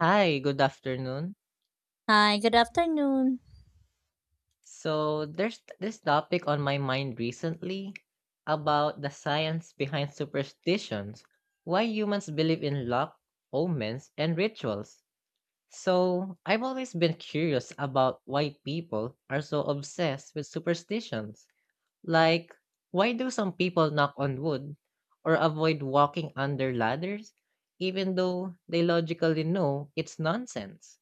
Hi, good afternoon. Hi, good afternoon. So, there's this topic on my mind recently about the science behind superstitions, why humans believe in luck, omens, and rituals. So, I've always been curious about why people are so obsessed with superstitions. Like, why do some people knock on wood or avoid walking under ladders, even though they logically know it's nonsense?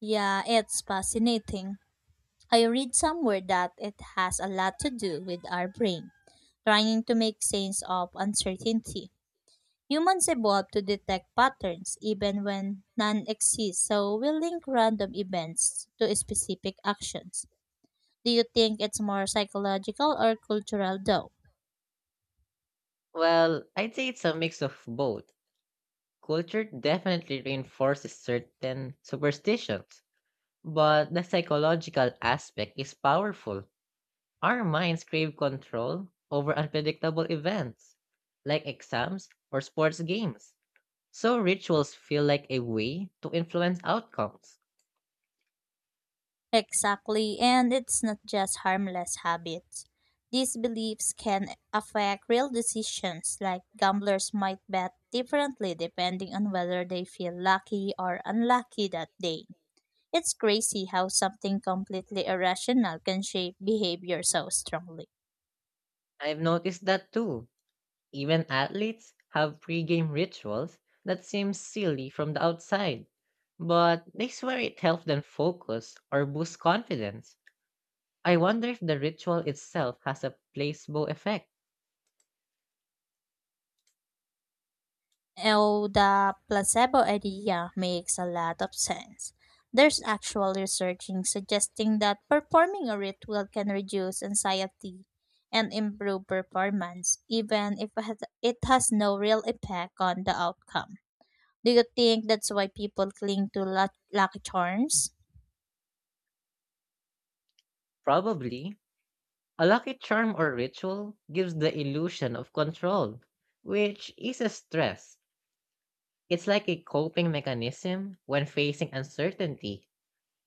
Yeah, it's fascinating. I read somewhere that it has a lot to do with our brain, trying to make sense of uncertainty. Humans evolved to detect patterns even when none exist, so we link random events to specific actions. Do you think it's more psychological or cultural though? Well, I'd say it's a mix of both. Culture definitely reinforces certain superstitions, but the psychological aspect is powerful. Our minds crave control over unpredictable events, like exams or sports games. So rituals feel like a way to influence outcomes. Exactly, and it's not just harmless habits. These beliefs can affect real decisions, like gamblers might bet differently depending on whether they feel lucky or unlucky that day. It's crazy how something completely irrational can shape behavior so strongly. I've noticed that too. Even athletes have pre-game rituals that seem silly from the outside, but they swear it helps them focus or boost confidence. I wonder if the ritual itself has a placebo effect. Oh, the placebo idea makes a lot of sense. There's actual research in suggesting that performing a ritual can reduce anxiety and improve performance, even if it has no real effect on the outcome. Do you think that's why people cling to lucky charms? Probably. A lucky charm or ritual gives the illusion of control, which eases stress. It's like a coping mechanism when facing uncertainty.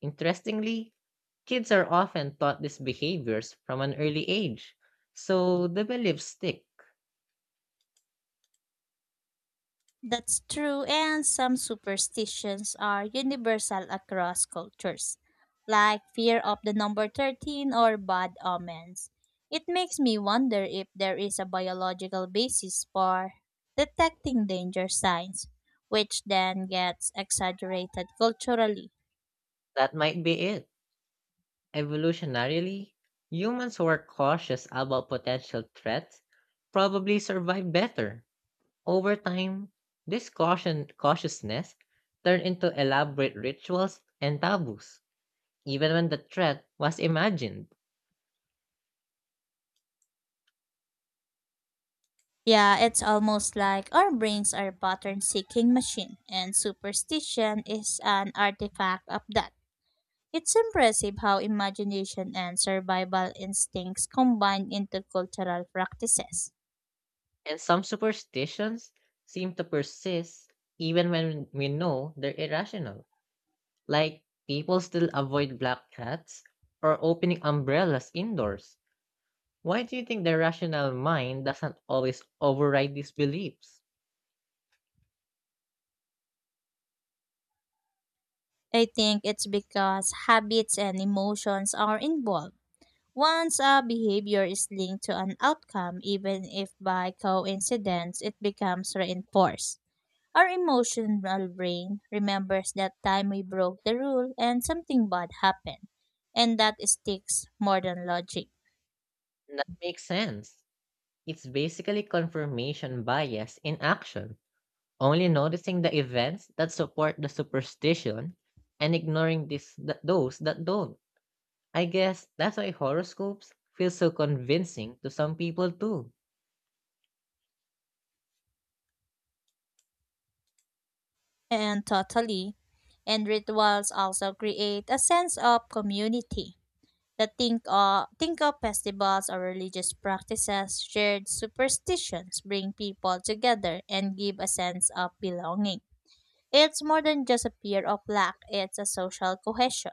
Interestingly, kids are often taught these behaviors from an early age, so the beliefs stick. That's true, and some superstitions are universal across cultures, like fear of the number 13 or bad omens. It makes me wonder if there is a biological basis for detecting danger signs, which then gets exaggerated culturally. That might be it. Evolutionarily, humans who are cautious about potential threats probably survive better. Over time, this caution cautiousness turned into elaborate rituals and taboos, even when the threat was imagined. Yeah, it's almost like our brains are pattern seeking machine, and superstition is an artifact of that. It's impressive how imagination and survival instincts combine into cultural practices. And some superstitions seem to persist even when we know they're irrational. Like people still avoid black cats or opening umbrellas indoors. Why do you think the rational mind doesn't always override these beliefs? I think it's because habits and emotions are involved. Once a behavior is linked to an outcome, even if by coincidence, it becomes reinforced. Our emotional brain remembers that time we broke the rule and something bad happened, and that sticks more than logic. That makes sense. It's basically confirmation bias in action. Only noticing the events that support the superstition and ignoring those that don't. I guess that's why horoscopes feel so convincing to some people too. And totally. And rituals also create a sense of community. Think of festivals or religious practices, shared superstitions bring people together and give a sense of belonging. It's more than just a fear of lack, it's a social cohesion.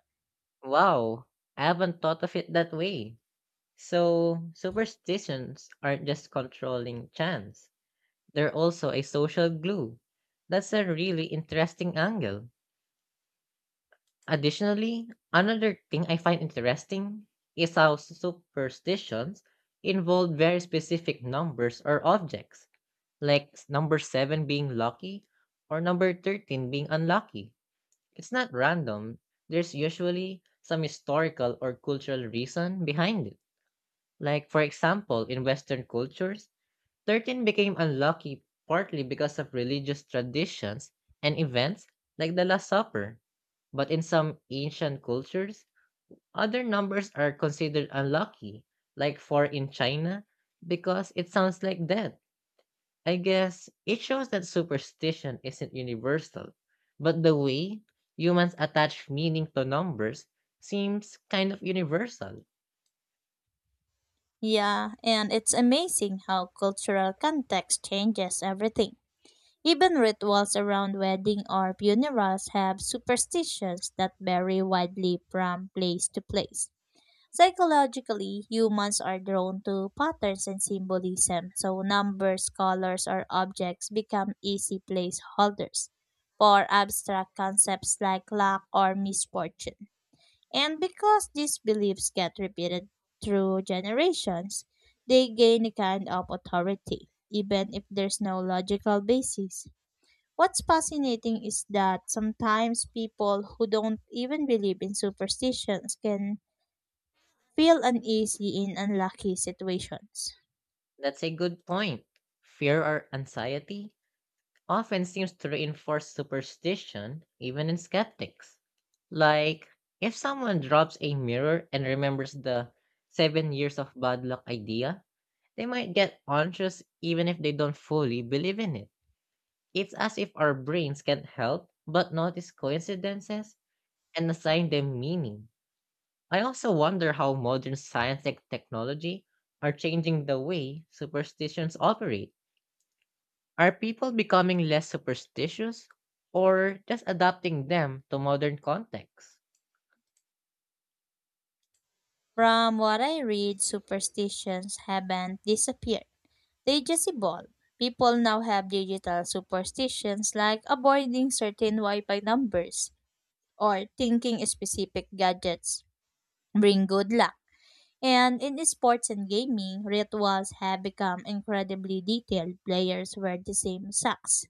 Wow, I haven't thought of it that way. So, superstitions aren't just controlling chance, they're also a social glue. That's a really interesting angle. Additionally, another thing I find interesting is how superstitions involve very specific numbers or objects, like number 7 being lucky or number 13 being unlucky. It's not random, there's usually some historical or cultural reason behind it. Like, for example, in Western cultures, 13 became unlucky partly because of religious traditions and events like the Last Supper. But in some ancient cultures, other numbers are considered unlucky, like 4 in China, because it sounds like death. I guess it shows that superstition isn't universal, but the way humans attach meaning to numbers seems kind of universal. Yeah, and it's amazing how cultural context changes everything. Even rituals around wedding or funerals have superstitions that vary widely from place to place. Psychologically, humans are drawn to patterns and symbolism, so numbers, colors, or objects become easy placeholders for abstract concepts like luck or misfortune. And because these beliefs get repeated through generations, they gain a kind of authority, even if there's no logical basis. What's fascinating is that sometimes people who don't even believe in superstitions can feel uneasy in unlucky situations. That's a good point. Fear or anxiety often seems to reinforce superstition, even in skeptics. Like, if someone drops a mirror and remembers the 7 years of bad luck idea, they might get anxious even if they don't fully believe in it. It's as if our brains can help but notice coincidences and assign them meaning. I also wonder how modern science and technology are changing the way superstitions operate. Are people becoming less superstitious or just adapting them to modern contexts? From what I read, superstitions haven't disappeared. They just evolved. People now have digital superstitions like avoiding certain Wi-Fi numbers or thinking specific gadgets bring good luck. And in sports and gaming, rituals have become incredibly detailed. Players wear the same socks,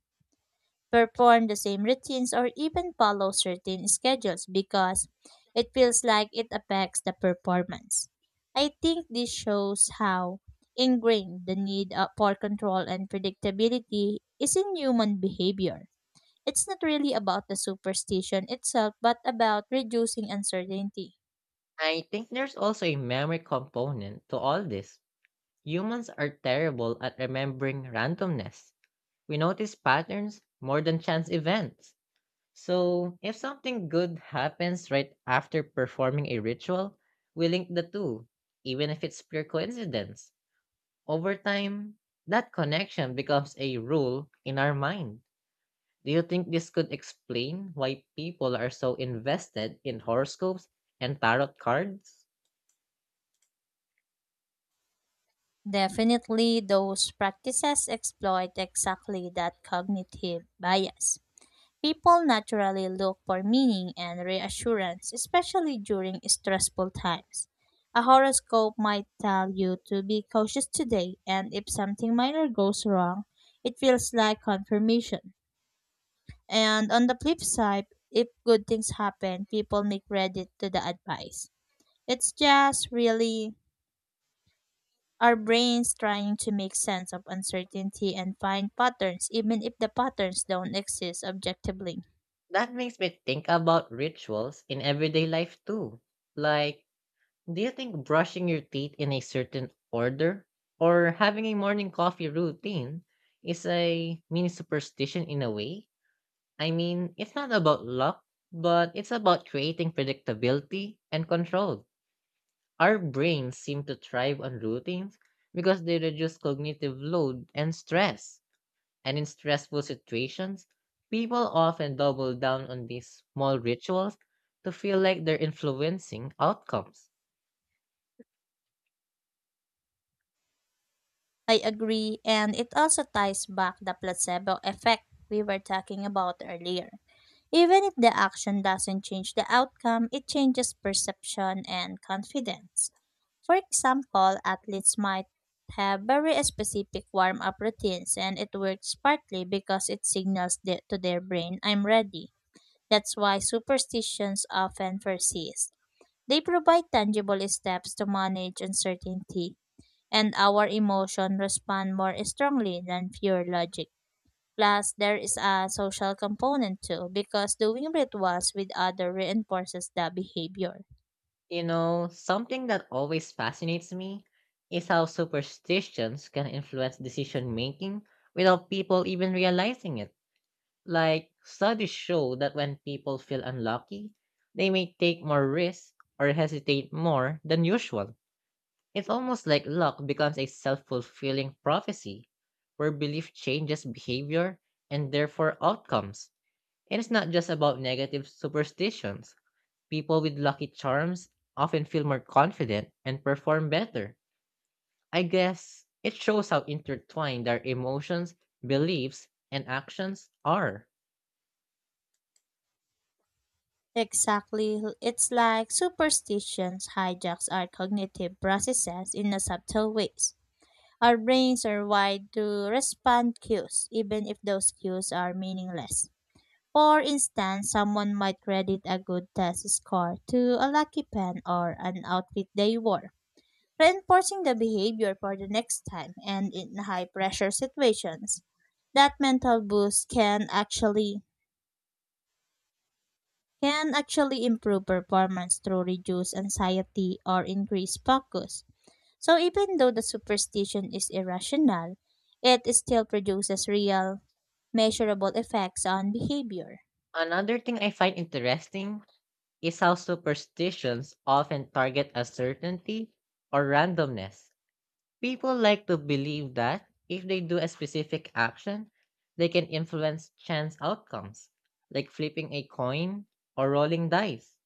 perform the same routines or even follow certain schedules because it feels like it affects the performance. I think this shows how ingrained the need for control and predictability is in human behavior. It's not really about the superstition itself, but about reducing uncertainty. I think there's also a memory component to all this. Humans are terrible at remembering randomness. We notice patterns more than chance events. So, if something good happens right after performing a ritual, we link the two, even if it's pure coincidence. Over time, that connection becomes a rule in our mind. Do you think this could explain why people are so invested in horoscopes and tarot cards? Definitely, those practices exploit exactly that cognitive bias. People naturally look for meaning and reassurance, especially during stressful times. A horoscope might tell you to be cautious today, and if something minor goes wrong, it feels like confirmation. And on the flip side, if good things happen, people make credit to the advice. It's just really our brains trying to make sense of uncertainty and find patterns, even if the patterns don't exist objectively. That makes me think about rituals in everyday life too. Like, do you think brushing your teeth in a certain order or having a morning coffee routine is a mini superstition in a way? I mean, it's not about luck, but it's about creating predictability and control. Our brains seem to thrive on routines because they reduce cognitive load and stress. And in stressful situations, people often double down on these small rituals to feel like they're influencing outcomes. I agree, and it also ties back the placebo effect we were talking about earlier. Even if the action doesn't change the outcome, it changes perception and confidence. For example, athletes might have very specific warm up routines, and it works partly because it signals the, to their brain, I'm ready. That's why superstitions often persist. They provide tangible steps to manage uncertainty and our emotion respond more strongly than pure logic. Plus, there is a social component too, because doing rituals with others reinforces the behavior. You know, something that always fascinates me is how superstitions can influence decision making without people even realizing it. Like, studies show that when people feel unlucky, they may take more risks or hesitate more than usual. It's almost like luck becomes a self fulfilling prophecy where belief changes behavior and therefore outcomes. And it's not just about negative superstitions. People with lucky charms often feel more confident and perform better. I guess it shows how intertwined our emotions, beliefs, and actions are. Exactly. It's like superstitions hijacks our cognitive processes in a subtle ways. Our brains are wired to respond cues, even if those cues are meaningless. For instance, someone might credit a good test score to a lucky pen or an outfit they wore reinforcing the behavior for the next time and in high pressure situations. That mental boost can actually improve performance through reduced anxiety or increased focus. So even though the superstition is irrational, it still produces real measurable effects on behavior. Another thing I find interesting is how superstitions often target uncertainty or randomness. People like to believe that if they do a specific action, they can influence chance outcomes, like flipping a coin or rolling dice.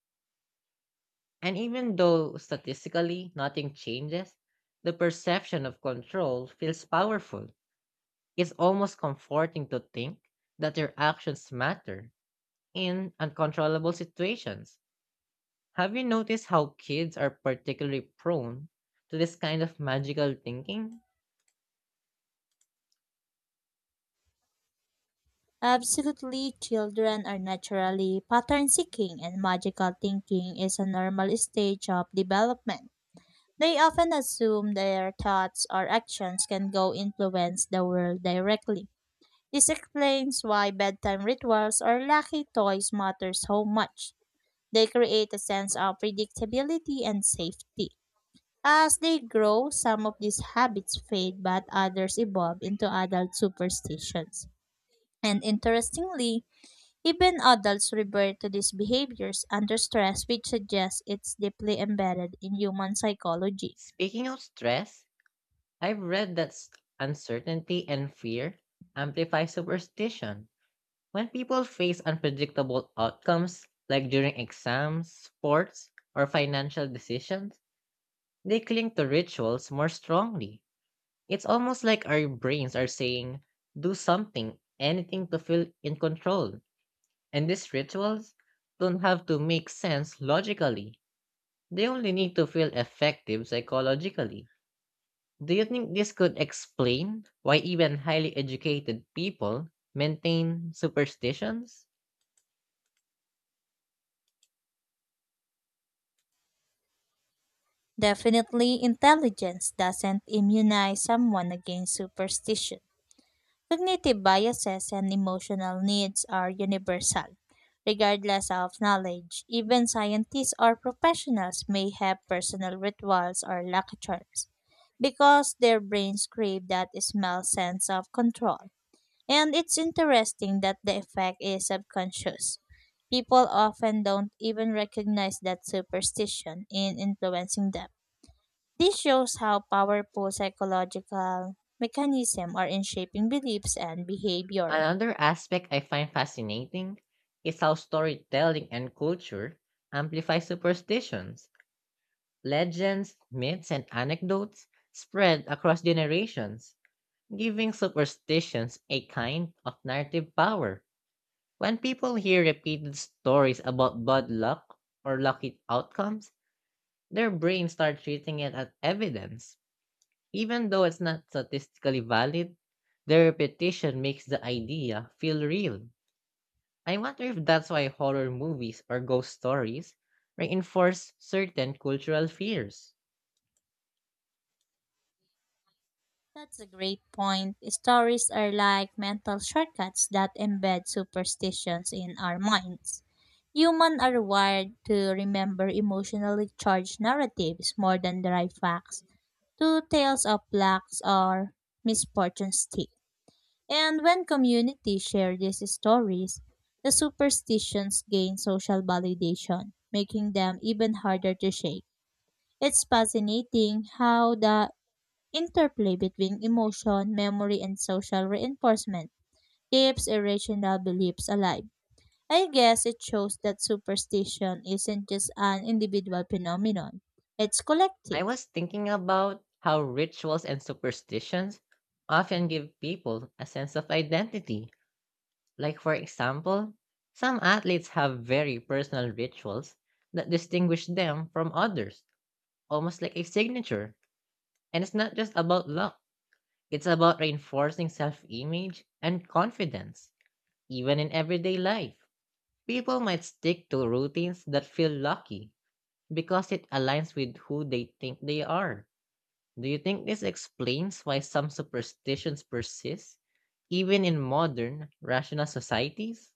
And even though statistically nothing changes, the perception of control feels powerful. It's almost comforting to think that your actions matter in uncontrollable situations. Have you noticed how kids are particularly prone to this kind of magical thinking? Absolutely, children are naturally pattern seeking and magical thinking is a normal stage of development. They often assume their thoughts or actions can go influence the world directly. This explains why bedtime rituals or lucky toys matter so much. They create a sense of predictability and safety. As they grow, some of these habits fade but others evolve into adult superstitions. And interestingly, even adults revert to these behaviors under stress, which suggests it's deeply embedded in human psychology. Speaking of stress, I've read that uncertainty and fear amplify superstition. When people face unpredictable outcomes, like during exams, sports, or financial decisions, they cling to rituals more strongly. It's almost like our brains are saying, do something, anything to feel in control. And these rituals don't have to make sense logically, they only need to feel effective psychologically. Do you think this could explain why even highly educated people maintain superstitions? Definitely, intelligence doesn't immunize someone against superstition. Cognitive biases and emotional needs are universal, regardless of knowledge. Even scientists or professionals may have personal rituals or lucky charms because their brains crave that smell sense of control. And it's interesting that the effect is subconscious. People often don't even recognize that superstition in influencing them this shows how powerful psychological mechanisms are in shaping beliefs and behavior. Another aspect I find fascinating is how storytelling and culture amplify superstitions. Legends, myths, and anecdotes spread across generations, giving superstitions a kind of narrative power. When people hear repeated stories about bad luck or lucky outcomes, their brains start treating it as evidence. Even though it's not statistically valid, the repetition makes the idea feel real. I wonder if that's why horror movies or ghost stories reinforce certain cultural fears. That's a great point. Stories are like mental shortcuts that embed superstitions in our minds. Humans are wired to remember emotionally charged narratives more than dry facts. Two tales of blacks or misfortune stick. And when communities share these stories, the superstitions gain social validation, making them even harder to shake. It's fascinating how the interplay between emotion, memory, and social reinforcement keeps irrational beliefs alive. I guess it shows that superstition isn't just an individual phenomenon, it's I collective. was thinking about how rituals and superstitions often give people a sense of identity. Like, for example, some athletes have very personal rituals that distinguish them from others, almost like a signature. And it's not just about luck, it's about reinforcing self image and confidence, even in everyday life. People might stick to routines that feel lucky because it aligns with who they think they are. Do you think this explains why some superstitions persist, even in modern, rational societies?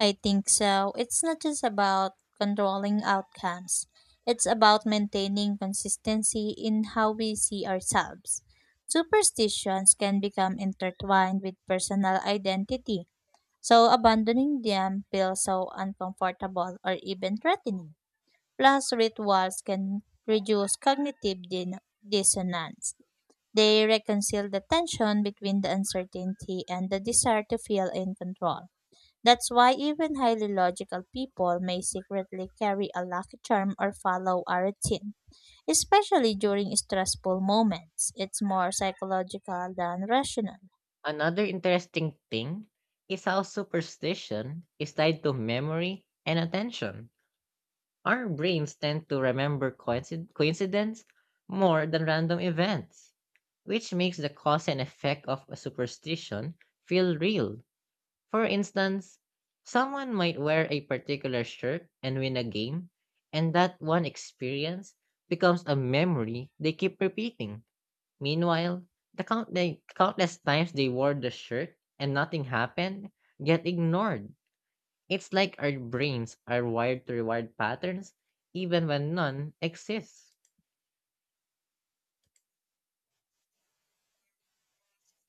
I think so. It's not just about controlling outcomes, it's about maintaining consistency in how we see ourselves. Superstitions can become intertwined with personal identity, so abandoning them feels so uncomfortable or even threatening. Plus, rituals can reduce cognitive dissonance. They reconcile the tension between the uncertainty and the desire to feel in control. That's why even highly logical people may secretly carry a lucky charm or follow a routine, especially during stressful moments. It's more psychological than rational. Another interesting thing is how superstition is tied to memory and attention. Our brains tend to remember coincidence more than random events, which makes the cause and effect of a superstition feel real. For instance, someone might wear a particular shirt and win a game, and that one experience becomes a memory they keep repeating. Meanwhile, the countless times they wore the shirt and nothing happened get ignored. It's like our brains are wired to reward patterns even when none exists.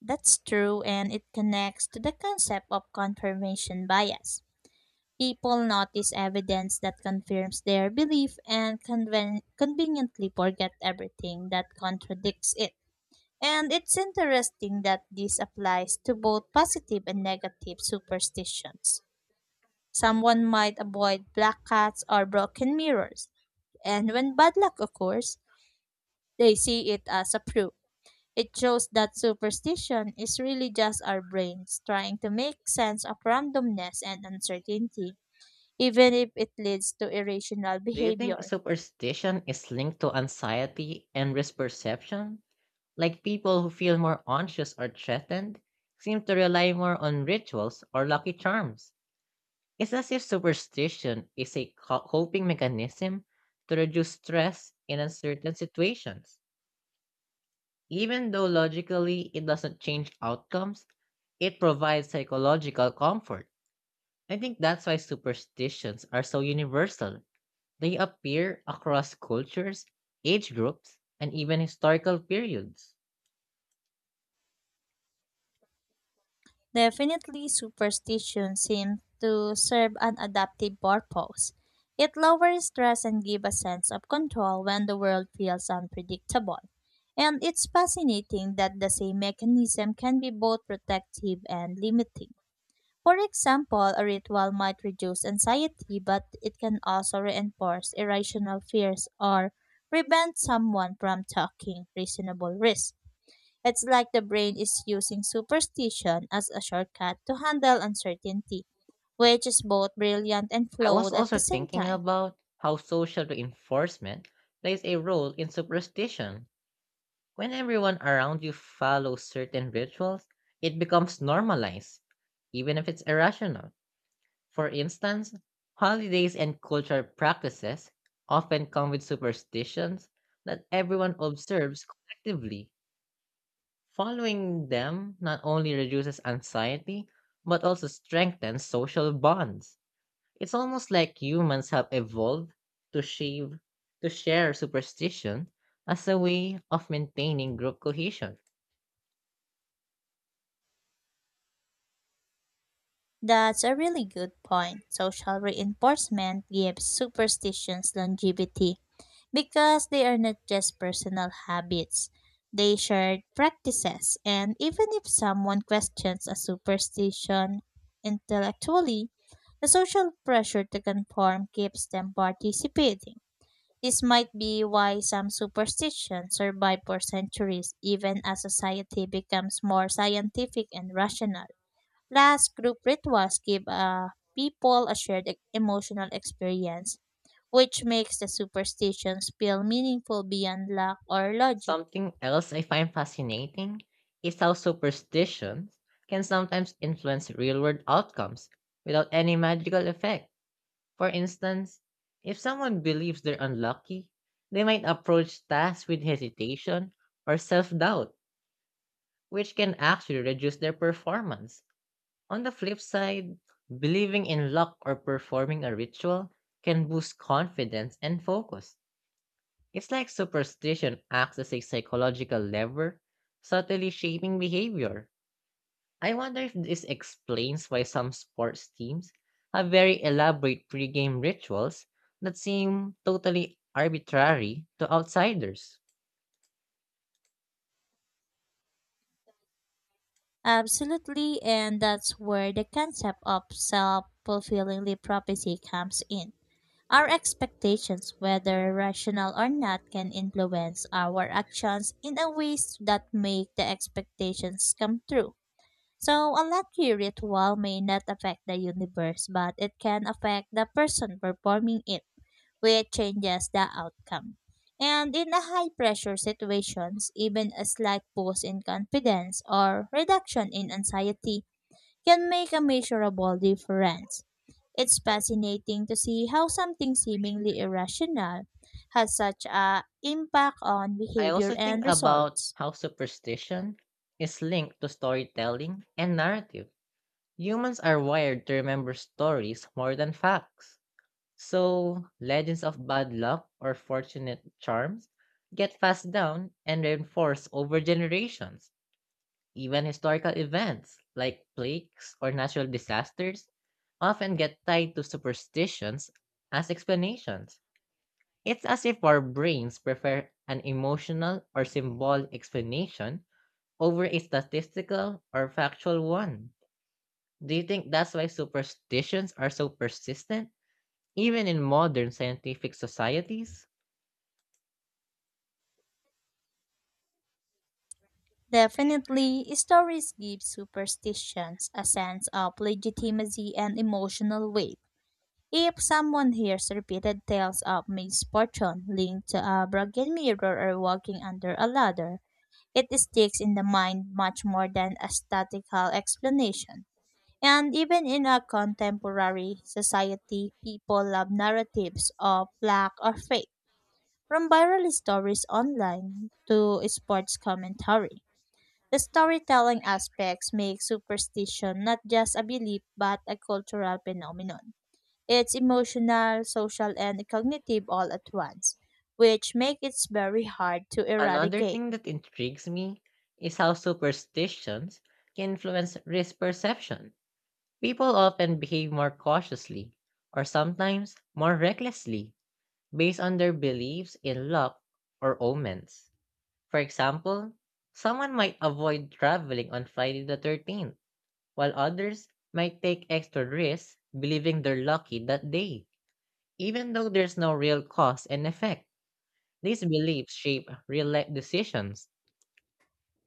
That's true, and it connects to the concept of confirmation bias. People notice evidence that confirms their belief and conveniently forget everything that contradicts it. And it's interesting that this applies to both positive and negative superstitions. Someone might avoid black cats or broken mirrors, and when bad luck occurs, they see it as a proof. It shows that superstition is really just our brains trying to make sense of randomness and uncertainty, even if it leads to irrational Do you think behavior. superstition is linked to anxiety and risk perception? Like people who feel more anxious or threatened seem to rely more on rituals or lucky charms. It's as if superstition is a coping mechanism to reduce stress in uncertain situations. Even though logically it doesn't change outcomes, it provides psychological comfort. I think that's why superstitions are so universal. They appear across cultures, age groups, and even historical periods. Definitely, superstition seems to serve an adaptive purpose. It lowers stress and gives a sense of control when the world feels unpredictable. And it's fascinating that the same mechanism can be both protective and limiting. For example, a ritual might reduce anxiety, but it can also reinforce irrational fears or prevent someone from taking reasonable risks. It's like the brain is using superstition as a shortcut to handle uncertainty, which is both brilliant and I was flawed at also the same thinking time. about how social reinforcement plays a role in superstition. When everyone around you follows certain rituals, it becomes normalized, even if it's irrational. For instance, holidays and cultural practices often come with superstitions that everyone observes collectively. Following them not only reduces anxiety, but also strengthens social bonds. It's almost like humans have evolved to shave, to share superstition as a way of maintaining group cohesion. That's a really good point. Social reinforcement gives superstitions longevity because they are not just personal habits, they shared practices. And even if someone questions a superstition intellectually, the social pressure to conform keeps them participating. This might be why some superstitions survive for centuries even as society becomes more scientific and rational. Plus, group rituals give people a shared emotional experience, which makes the superstitions feel meaningful beyond luck or logic. Something else I find fascinating is how superstitions can sometimes influence real world outcomes without any magical effect. For instance, if someone believes they're unlucky, they might approach tasks with hesitation or self doubt, which can actually reduce their performance. On the flip side, believing in luck or performing a ritual can boost confidence and focus. It's like superstition acts as a psychological lever, subtly shaping behavior. I wonder if this explains why some sports teams have very elaborate pregame rituals that seem totally arbitrary to outsiders. Absolutely, and that's where the concept of self fulfilling prophecy comes in. Our expectations, whether rational or not, can influence our actions in a ways that make the expectations come true. So a lucky ritual may not affect the universe, but it can affect the person performing it, which changes the outcome. And in a high pressure situations, even a slight boost in confidence or reduction in anxiety can make a measurable difference. It's fascinating to see how something seemingly irrational has such a impact on I behavior also think and about results. how superstition is linked to storytelling and narrative. Humans are wired to remember stories more than facts. So, legends of bad luck or fortunate charms get passed down and reinforced over generations. Even historical events like plagues or natural disasters often get tied to superstitions as explanations. It's as if our brains prefer an emotional or symbolic explanation over a statistical or factual one. Do you think that's why superstitions are so persistent, even in modern scientific societies? Definitely, stories give superstitions a sense of legitimacy and emotional weight. If someone hears repeated tales of misfortune linked to a broken mirror or walking under a ladder, it sticks in the mind much more than a statistical explanation. And even in a contemporary society, people love narratives of black or fake. From viral stories online to sports commentary, the storytelling aspects make superstition not just a belief but a cultural phenomenon. It's emotional, social, and cognitive all at once, which make it very hard to Another eradicate. thing that intrigues me is how superstitions can influence risk perception. People often behave more cautiously, or sometimes more recklessly, based on their beliefs in luck or omens. For example, someone might avoid traveling on Friday the 13th, while others might take extra risks believing they're lucky that day. Even though there's no real cause and effect, these beliefs shape real life decisions.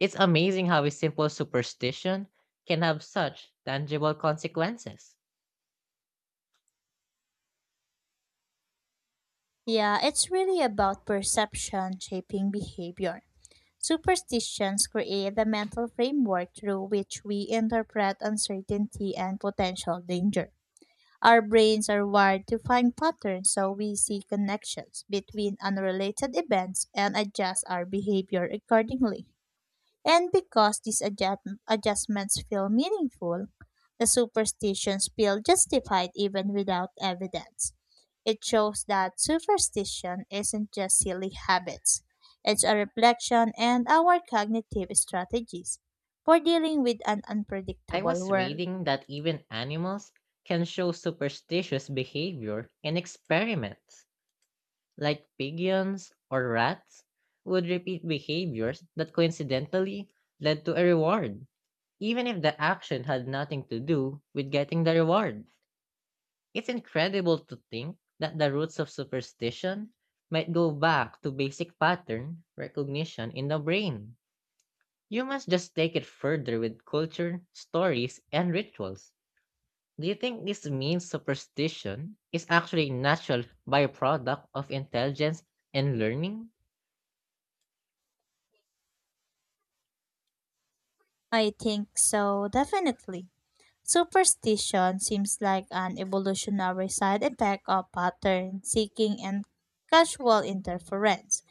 It's amazing how a simple superstition can have such tangible consequences. Yeah, it's really about perception shaping behavior. Superstitions create the mental framework through which we interpret uncertainty and potential danger. Our brains are wired to find patterns, so we see connections between unrelated events and adjust our behavior accordingly. And because these adjustments feel meaningful, the superstitions feel justified even without evidence. It shows that superstition isn't just silly habits, it's a reflection and our cognitive strategies for dealing with an I unpredictable was world. reading that even animals can show superstitious behavior in experiments, like pigeons or rats would repeat behaviors that coincidentally led to a reward, even if the action had nothing to do with getting the reward. It's incredible to think that the roots of superstition might go back to basic pattern recognition in the brain. You must just take it further with culture, stories, and rituals. Do you think this means superstition is actually a natural byproduct of intelligence and learning? I think so, definitely. Superstition seems like an evolutionary side effect of pattern seeking and casual interference.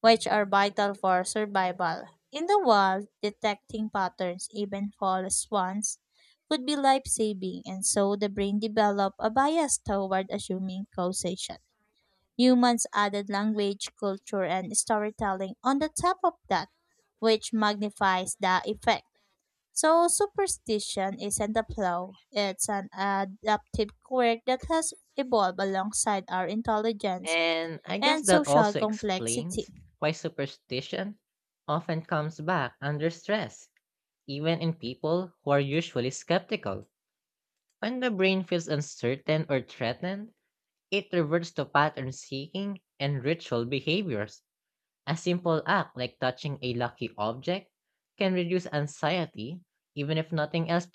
Which are vital for survival. In the wild, detecting patterns, even false ones, could be life saving, and so the brain developed a bias toward assuming causation. Humans added language, culture, and storytelling on the top of that, which magnifies the effect. So, superstition isn't a flaw, it's an adaptive quirk that has evolved alongside our intelligence And I guess and that social also complexity. explains why superstition often comes back under stress, even in people who are usually skeptical. When the brain feels uncertain or threatened, it reverts to pattern seeking and ritual behaviors. A simple act like touching a lucky object can reduce anxiety, even if nothing else.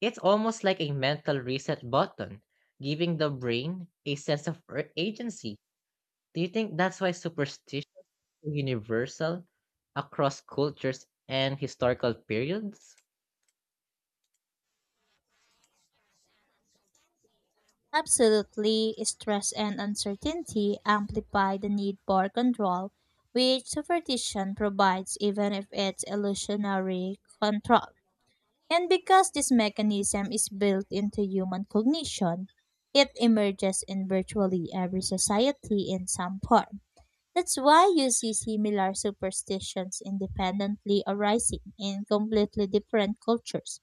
It's almost like a mental reset button, giving the brain a sense of agency. Do you think that's why superstition is universal across cultures and historical periods? Absolutely, stress and uncertainty amplify the need for control, which superstition provides even if it's illusionary control. And because this mechanism is built into human cognition, it emerges in virtually every society in some form. That's why you see similar superstitions independently arising in completely different cultures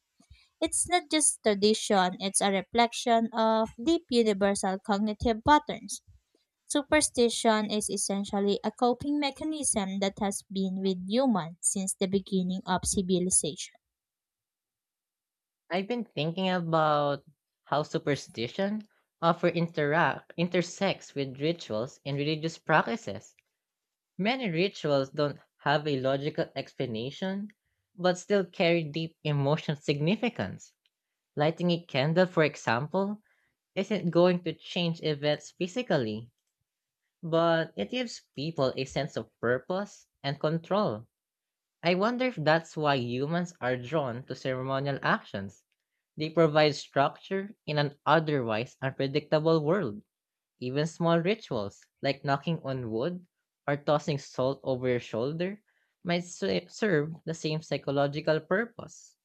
it's not just tradition, it's a reflection of deep universal cognitive patterns. Superstition is essentially a coping mechanism that has been with humans since the beginning of civilization. I've been thinking about how superstition often interact intersects with rituals and religious practices. Many rituals don't have a logical explanation, but still carry deep emotional significance. Lighting a candle, for example, isn't going to change events physically, but it gives people a sense of purpose and control. I wonder if that's why humans are drawn to ceremonial actions. They provide structure in an otherwise unpredictable world. Even small rituals, like knocking on wood or tossing salt over your shoulder, might serve the same psychological purpose.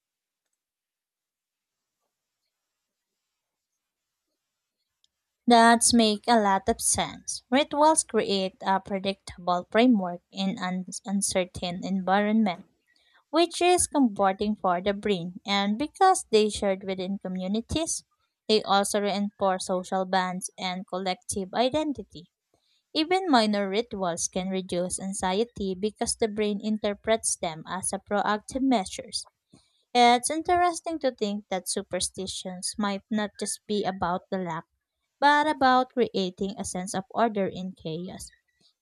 That make a lot of sense. Rituals create a predictable framework in an uncertain environment, which is comforting for the brain. And because they shared within communities, they also reinforce social bonds and collective identity. Even minor rituals can reduce anxiety because the brain interprets them as a proactive measures. It's interesting to think that superstitions might not just be about the lack, but about creating a sense of order in chaos.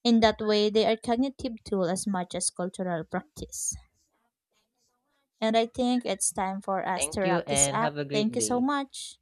In that way, they are cognitive tool as much as cultural practice. And I think it's time for us to Thank you wrap this and have up. a Thank great you so day. much.